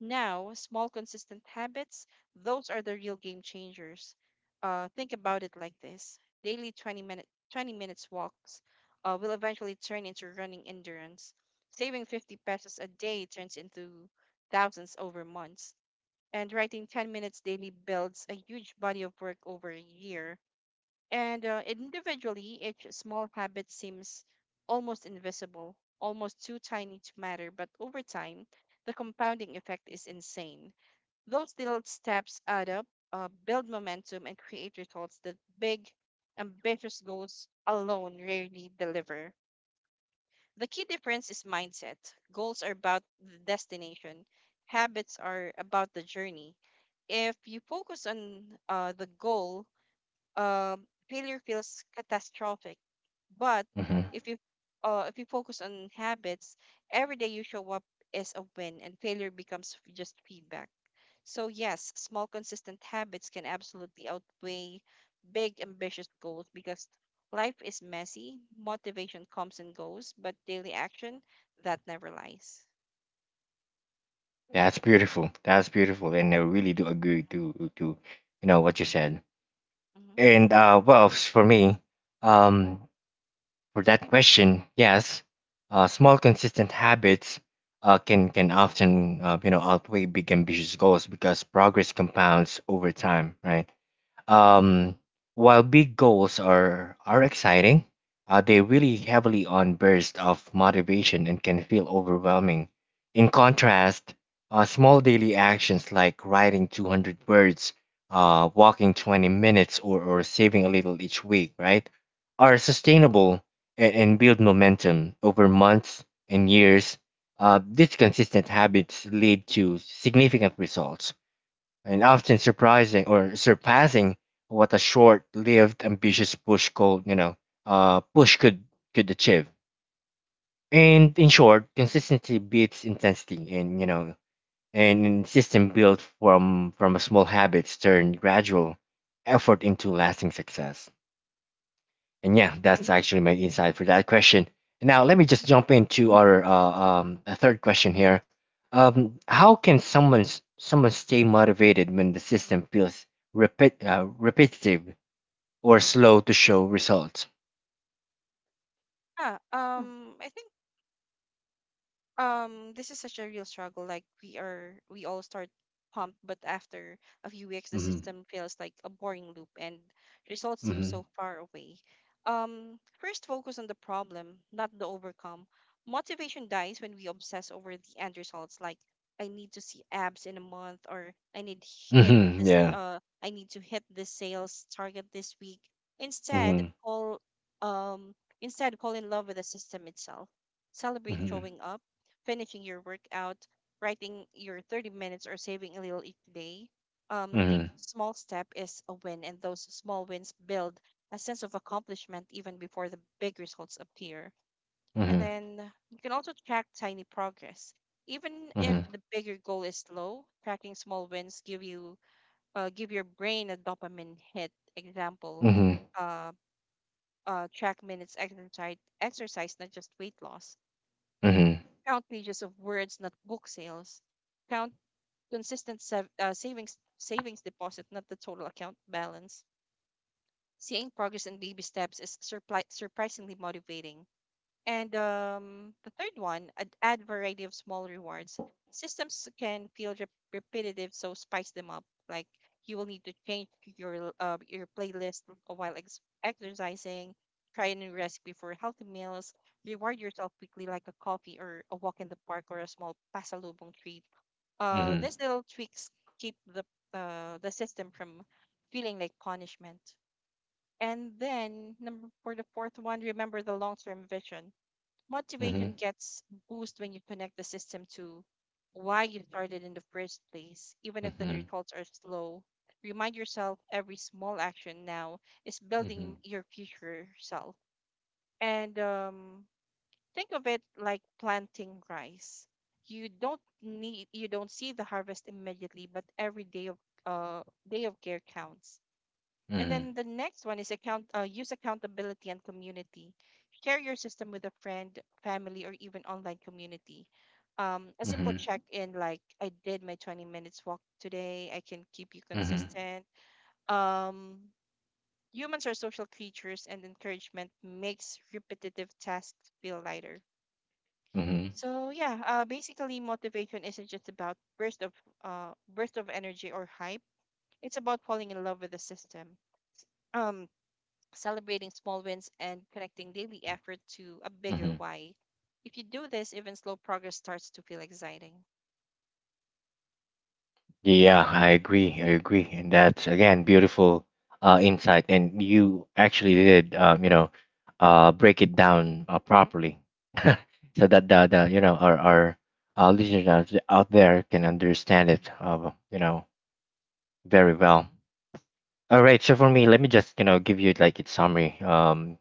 S2: Now, small, consistent habits, those are the real game changers. Think about it like this: daily 20 minute 20 minutes walks will eventually turn into running endurance. Saving 50 pesos a day turns into thousands over months. And writing 10 minutes daily builds a huge body of work over a year, and individually, each small habit seems almost invisible, almost too tiny to matter, but over time, the compounding effect is insane. Those little steps add up, build momentum, and create results that big, ambitious goals alone rarely deliver. The key difference is mindset. Goals are about the destination, habits are about the journey. If you focus on the goal, failure feels catastrophic. But
S1: Mm-hmm.
S2: if you if you focus on habits, every day you show up is a win, and failure becomes just feedback. So yes, small consistent habits can absolutely outweigh big ambitious goals because life is messy, motivation comes and goes, but daily action, that never lies.
S1: That's beautiful. That's beautiful, and I really do
S2: Mhm,
S1: agree to you know what you said.
S2: mhm,
S1: And for me, um, for that question, yes, small consistent habits can often you know outweigh big ambitious goals, because progress compounds over time, right?
S2: mhm,
S1: Um, while big goals are exciting, they really heavily on bursts of motivation and can feel overwhelming. In contrast, small daily actions like writing 200 words, walking 20 minutes, or saving a little each week, right, are sustainable and build momentum over months and years. These consistent habits lead to significant results and often surprising or surpassing what a short-lived ambitious push could uh, push could could achieve. And in short, consistency beats intensity, and you know, and system built from a small habits turn gradual effort into lasting success. And yeah, that's actually my insight for that question. Now, let me just
S2: mhm.
S1: jump into our a third question here. How can someone someone stay motivated when the system feels repetitive or slow to show results?
S2: Yeah, I think this is such a real struggle. Like we all start pumped, but after a few weeks the
S1: Hmm.
S2: system feels like a boring loop and results seem
S1: Hmm.
S2: so far away. First, focus on the problem, not the overcome. Motivation dies when we obsess over the end results, like I need to see abs in a month, or
S1: Hmm. Yeah.
S2: I need to hit this sales target this week. instead
S1: Hmm.
S2: fall um Instead, fall in love with the system itself. Celebrate
S1: Hmm.
S2: showing up, finishing your workout, writing your 30 minutes, or saving a little each day. Each
S1: Hmm.
S2: small step is a win, and those small wins build a sense of accomplishment even before the big results appear. And
S1: Hmm.
S2: then you can also track tiny progress. Even if
S1: Hmm.
S2: the bigger goal is low, tracking small wins give your brain a dopamine hit. Example,
S1: Hmm.
S2: uh, track minutes exercise, exercise, not just weight loss.
S1: Hmm.
S2: Count pages of words, not book sales. Count savings savings deposit, not the total account balance. Seeing progress in baby steps is surprisingly motivating. And the third one, add variety of small rewards. Systems can feel repetitive, so spice them up. Like, you will need to change your playlist while exercising. Try a new recipe for healthy meals. Reward yourself quickly, like a coffee or a walk in the park or a small pasalubong treat. These little tweaks keep the system from feeling like punishment. And then number for the fourth one, remember the long term vision.
S1: Hmm. Hmm.
S2: Motivation gets boost when you connect the system to why you started in the first place, even if the
S1: Hmm.
S2: results are slow. Remind yourself every small action now is
S1: Hmm.
S2: building your future self. And think of it like planting rice. You don't see the harvest immediately, but every uh, day of care counts. And
S1: Hmm.
S2: then the next one is account use accountability and community. Share your system with a friend, family, or even online community. A simple
S1: Hmm.
S2: check-in like I did my 20 minutes walk today. I can keep you
S1: Hmm.
S2: consistent. Um, Humans are social creatures, and encouragement makes repetitive tasks feel lighter.
S1: Hmm.
S2: So yeah, basically motivation isn't just about burst of energy or hype. It's about falling in love with the system. Um, Celebrating small wins and connecting daily effort to a
S1: Hmm.
S2: bigger why. If you do this, even slow progress starts to feel exciting.
S1: Yeah, I agree. I agree, and that's again beautiful insight. And you actually did, break it down properly, so that the you know our listeners out there can understand it, you know, very well. All right. So for me, let me just you know give you like its summary. Um,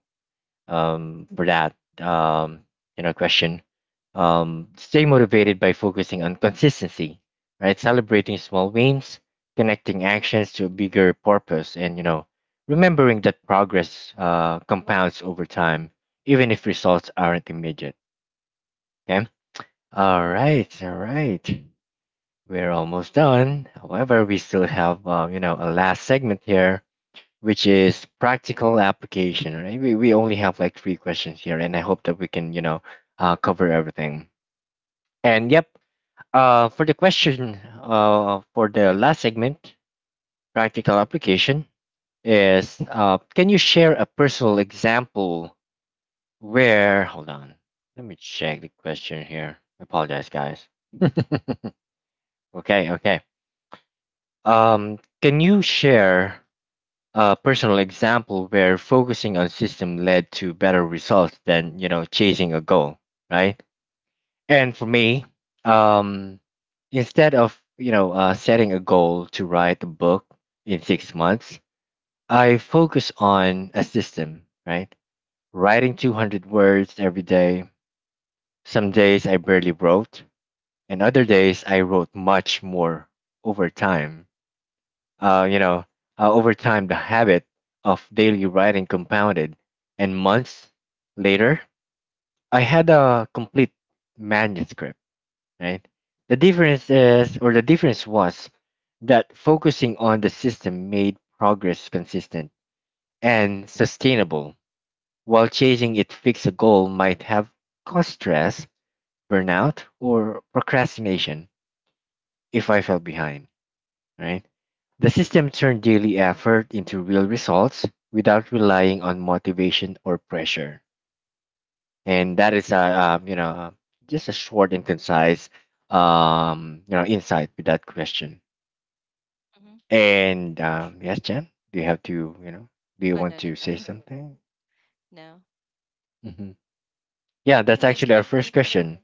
S1: um, For that you know question. Stay motivated by focusing on consistency, right? Celebrating small wins, connecting actions to a bigger purpose, and you know remembering that progress compounds over time, even if results aren't immediate. Okay. All
S2: Mm-hmm,
S1: right. All right. We're almost done. However, we still have you know a last segment here, which is practical application, right? We only have like three questions here, and I hope that we can, you know, cover everything. And yep, for the question, for the last segment, practical application is, can you share a personal example where, hold on, let me check the question here. I apologize, guys. Okay, okay. Can you share a personal example where focusing on system led to better results than you know chasing a goal, right? And for me, um instead of setting a goal to write a book in 6 months, I focus on a system, right? Writing 200 words every day. Some days I barely wrote, and other days I wrote much more. Over time, Uh, you know, over time, the habit of daily writing compounded, and months later, I had a complete manuscript. Right. The difference is, or the difference was, that focusing on the system made progress consistent and sustainable, while chasing it fix a goal might have caused stress, burnout, or procrastination if I fell behind. Right. The system turned daily effort into real results without relying on motivation or pressure. And that is a just a short and concise you know insight with that question.
S2: mm-hmm.
S1: And
S2: So much.
S1: yes, Jen, do you have to you know do you
S2: Oh,
S1: want
S2: no, no,
S1: to say
S2: no.
S1: something?
S2: No.
S1: Hmm. Yeah,
S2: Yeah,
S1: that's
S2: next
S1: actually our
S2: question.
S1: first question.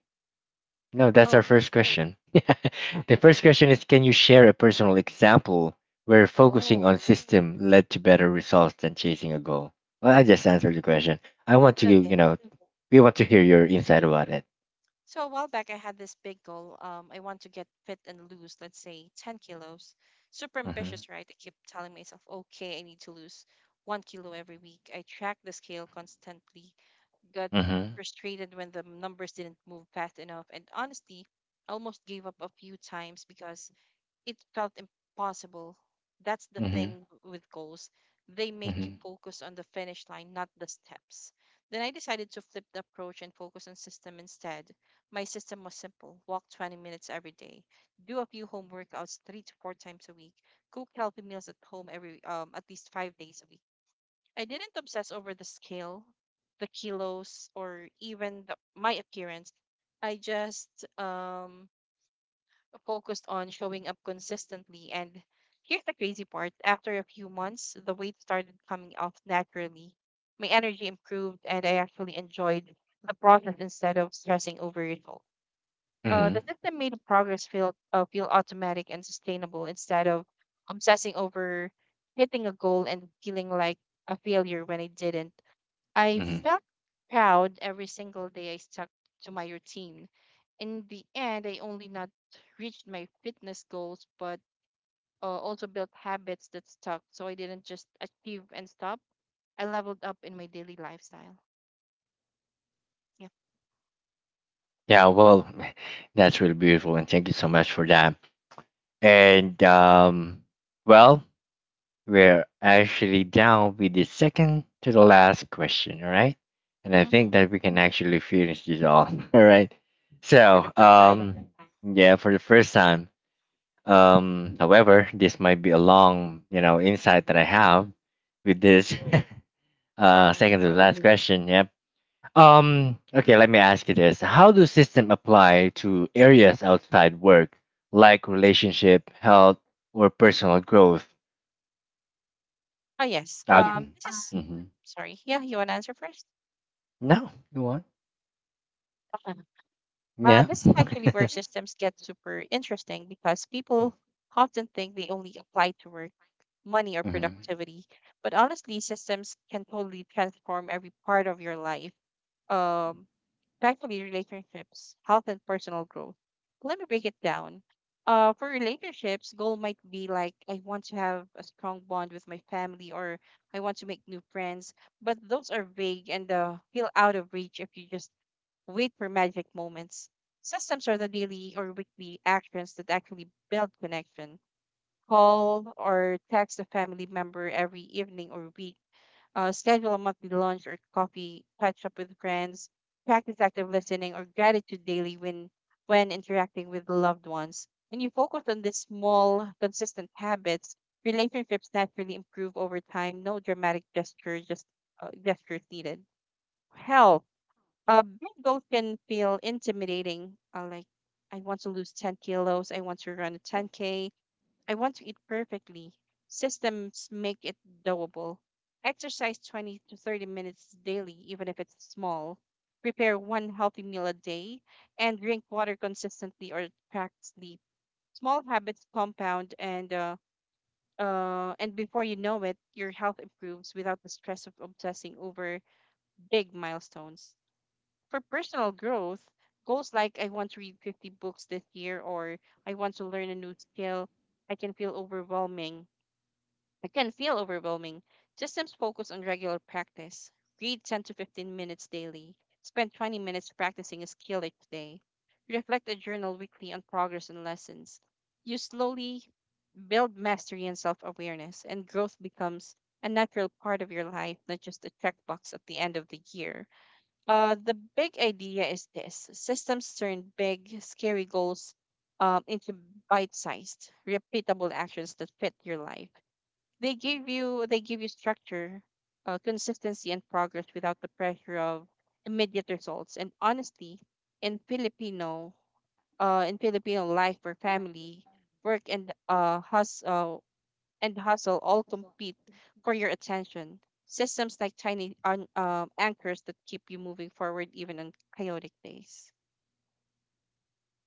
S1: No, that's our
S2: Oh,
S1: first question. The first question is, can you share a personal example where focusing
S2: oh,
S1: on system led to better results than chasing a goal? Well, I just answered the question. I want to, you
S2: okay.
S1: know, we want to hear your insight about it.
S2: So a while back, I had this big goal. I want to get fit and lose, let's say 10 kilos. Super
S1: Mm-hmm.
S2: ambitious, right? I keep telling myself, okay, I need to lose 1 kilo every week. I track the scale constantly, got
S1: Mm-hmm.
S2: frustrated when the numbers didn't move fast enough, and honestly, almost gave up a few times because it felt impossible. That's the
S1: Mm-hmm.
S2: thing with goals. They make you
S1: Mm-hmm.
S2: focus on the finish line, not the steps. Then I decided to flip the approach and focus on system instead. My system was simple: walk 20 minutes every day, do a few home workouts three to four times a week, cook healthy meals at home every at least 5 days a week. I didn't obsess over the scale, the kilos, or even my appearance. I just um, focused on showing up consistently. And here's the crazy part: after a few months, the weight started coming off naturally. My energy improved, and I actually enjoyed the process instead of stressing over results.
S1: Mm-hmm.
S2: The system made progress feel automatic and sustainable, instead of obsessing over hitting a goal and feeling like a failure when I didn't. I
S1: Hmm.
S2: felt proud every single day I stuck to my routine. In the end, I only not reached my fitness goals, but also built habits that stuck. So I didn't just achieve and stop. I leveled up in my daily lifestyle. Yeah.
S1: Yeah, well, that's really beautiful, and thank you so much for that. And well, we're actually down with the second to the last question, all right? And I
S2: Mm-hmm.
S1: think that we can actually finish this off, all right?
S2: For
S1: So,
S2: the first time.
S1: yeah, for the first time. However, this might be a long, you know, insight that I have with this
S2: Yeah, probably.
S1: second to the last question. Yep. Okay, let me ask you this. How do system apply to areas outside work, like relationship, health, or personal growth?
S2: Oh, yes.
S1: Uh,
S2: This is,
S1: mm-hmm.
S2: sorry. Yeah, you want to answer first?
S1: No.
S2: Okay.
S1: Yeah.
S2: This is actually where systems get super interesting because people often think they only apply to work, money, or
S1: Hmm.
S2: productivity. But honestly, systems can totally transform every part of your life, um, especially relationships, health, and personal growth. Let me break it down. For relationships, goal might be like I want to have a strong bond with my family, or I want to make new friends, but those are vague and feel out of reach if you just wait for magic moments. Systems are the daily or weekly actions that actually build connection: call or text a family member every evening or week, schedule a monthly lunch or coffee, catch up with friends, practice active listening or gratitude daily when interacting with loved ones. When you focus on these small, consistent habits, relationships naturally improve over time. No dramatic gesture, just gestures needed. Health. Big goals can feel intimidating. Like, I want to lose 10 kilos. I want to run a 10K. I want to eat perfectly. Systems make it doable. Exercise 20 to 30 minutes daily, even if it's small. Prepare one healthy meal a day and drink water consistently or track sleep. Small habits compound, and before you know it, your health improves without the stress of obsessing over big milestones. For personal growth, goals like I want to read 50 books this year or I want to learn a new skill, I can feel overwhelming. It can feel overwhelming. Systems focus on regular practice. Read 10 to 15 minutes daily. Spend 20 minutes practicing a skill each day. Reflect and journal weekly on progress and lessons. You slowly build mastery and self awareness, and growth becomes a natural part of your life, not just a checkbox at the end of the year. The big idea is this: systems turn big, scary goals into bite sized, repeatable actions that fit your life. They give you they give you structure, consistency, and progress without the pressure of immediate results. And honestly, in Filipino, in Filipino life or family, work and hustle all compete for your attention. Systems like tiny an anchors that keep you moving forward even on chaotic days.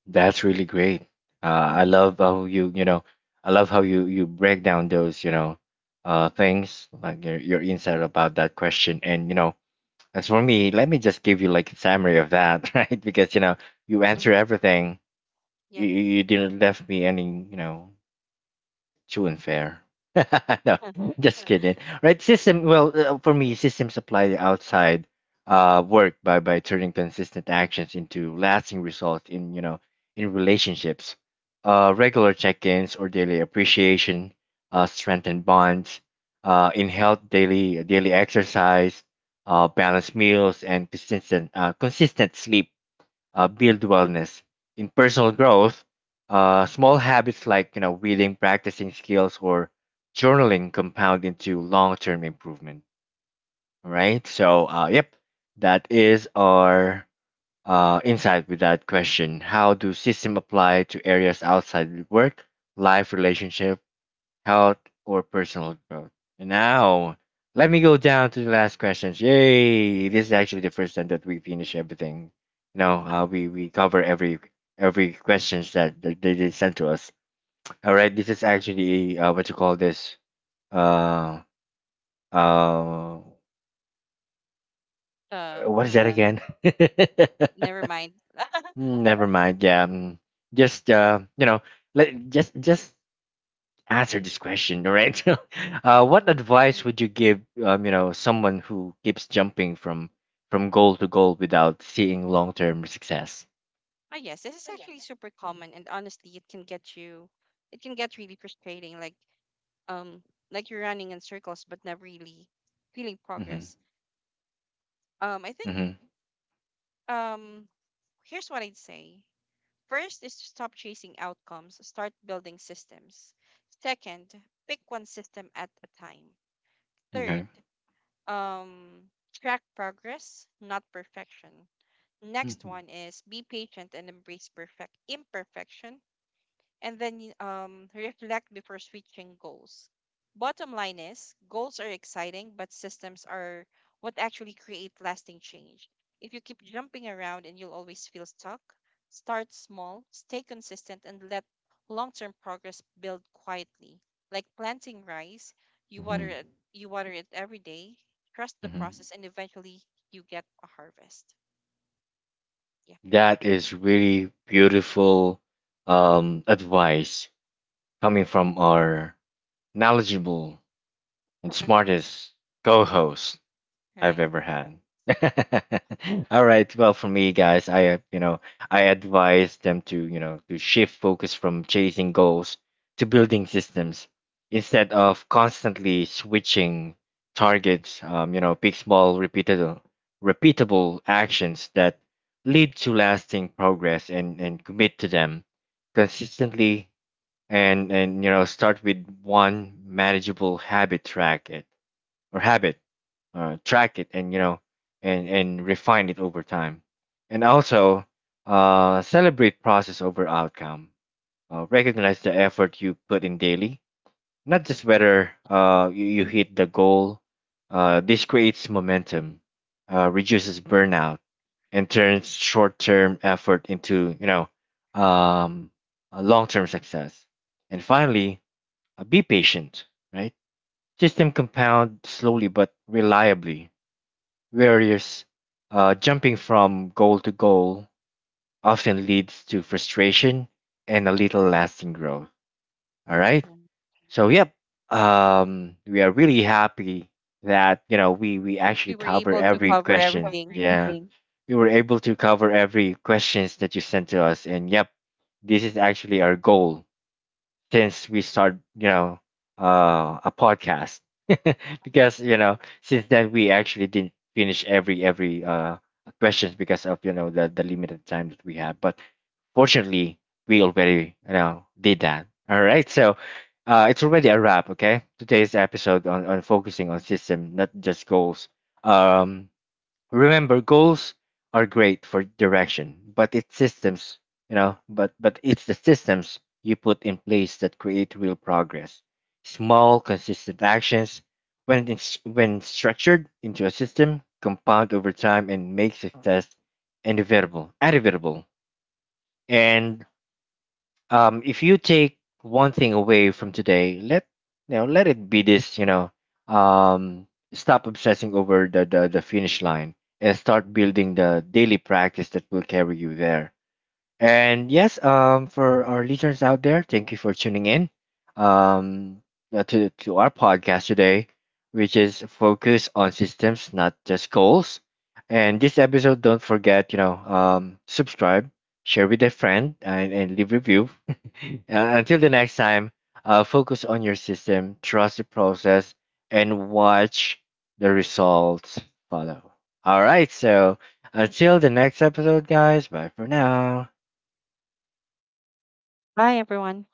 S1: That's really great. I
S2: Mm-hmm.
S1: love how you, you know, I love how you break down those, you know, things like your insight about that question. And you know, as for me, let me just give you like a summary of that, right? Because you know, you answer
S2: Mm-hmm.
S1: everything. You
S2: Yep.
S1: you you didn't left me any, you know, true and fair. No, just kidding. Right? System. Well, for me, systems apply the outside work by turning consistent actions into lasting results in you know in relationships. Regular check-ins or daily appreciation strengthen bonds. In health, daily exercise, balanced meals, and consistent sleep build wellness. In personal growth, small habits like you know reading, practicing skills, or journaling compound into long-term improvement. All right. So, yep, that is our insight with that question. How do system apply to areas outside work, life, relationship, health, or personal growth? And now, let me go down to the last questions. Yay! This is actually the first time that we finish everything. You know, we cover every questions that, that they did send to us. All right, this is actually what you call this? Uh, uh,
S2: uh,
S1: what is that again?
S2: never mind.
S1: Never mind. Yeah, just you know, let just answer this question, all right? What advice would you give, you know, someone who keeps jumping from goal to goal without seeing long term success?
S2: Ah, yes, this is actually super common, and honestly, it can get really frustrating. Um, like you're running in circles but not really feeling
S1: Mm-hmm.
S2: progress. Um, I think,
S1: Mm-hmm.
S2: um, Here's what I'd say. First is to stop chasing outcomes, start building systems. Second, pick one system at a time. Third,
S1: Okay.
S2: track progress, not perfection. Next
S1: Mm-hmm.
S2: one is be patient and embrace perfect imperfection, and then reflect before switching goals. Bottom line is goals are exciting, but systems are what actually create lasting change. If you keep jumping around, and you'll always feel stuck, start small, stay consistent, and let long term progress build quietly. Like planting rice, you
S1: Mm-hmm.
S2: water it you water it every day, trust the
S1: Mm-hmm.
S2: process, and eventually you get a harvest. Yeah.
S1: That is really beautiful advice coming from our knowledgeable and smartest co-host. I've
S2: Right.
S1: ever had. All right. Well, for me, guys, I you know I advise them to you know to shift focus from chasing goals to building systems instead of constantly switching targets. You know, pick small, repeatable actions that lead to lasting progress, and commit to them consistently. And You know, start with one manageable habit. Track it or habit track it and you know and refine it over time. And also celebrate process over outcome. Recognize the effort you put in daily, not just whether
S2: Mm-hmm.
S1: you hit the goal. This creates momentum, reduces burnout, and turns short-term effort into you know um, a long-term success. And finally, be patient, right? System compound slowly but reliably. Warriors jumping from goal to goal often leads to frustration and a little lasting growth. All right. So yep, we are really happy that you know we
S2: We
S1: actually
S2: were
S1: cover
S2: able to
S1: every
S2: cover
S1: question.
S2: everything.
S1: Yeah, we were able to cover every questions that you sent to us, and yep, this is actually our goal since we start you know a podcast because you know since then we actually didn't finish every questions because of you know the limited time that we have. But fortunately, we already you know did that. All right, so it's already a wrap. Okay, today's episode on focusing on system not just goals. um Remember, goals are great for direction, but it's systems, you know, but it's the systems you put in place that create real progress. Small, consistent actions, when structured into a system, compound over time and make success inevitable. And if you take one thing away from today, let it be this. You know, um, stop obsessing over the finish line and start building the daily practice that will carry you there. And yes, for our listeners out there, thank you for tuning in um, to our podcast today, which is focused on systems, not just goals. And this episode, don't forget, you know, subscribe, share with a friend, and leave review. Until the next time, focus on your system, trust the process, and watch the results follow. All right, so until the next episode, guys, bye for now.
S2: Bye, everyone.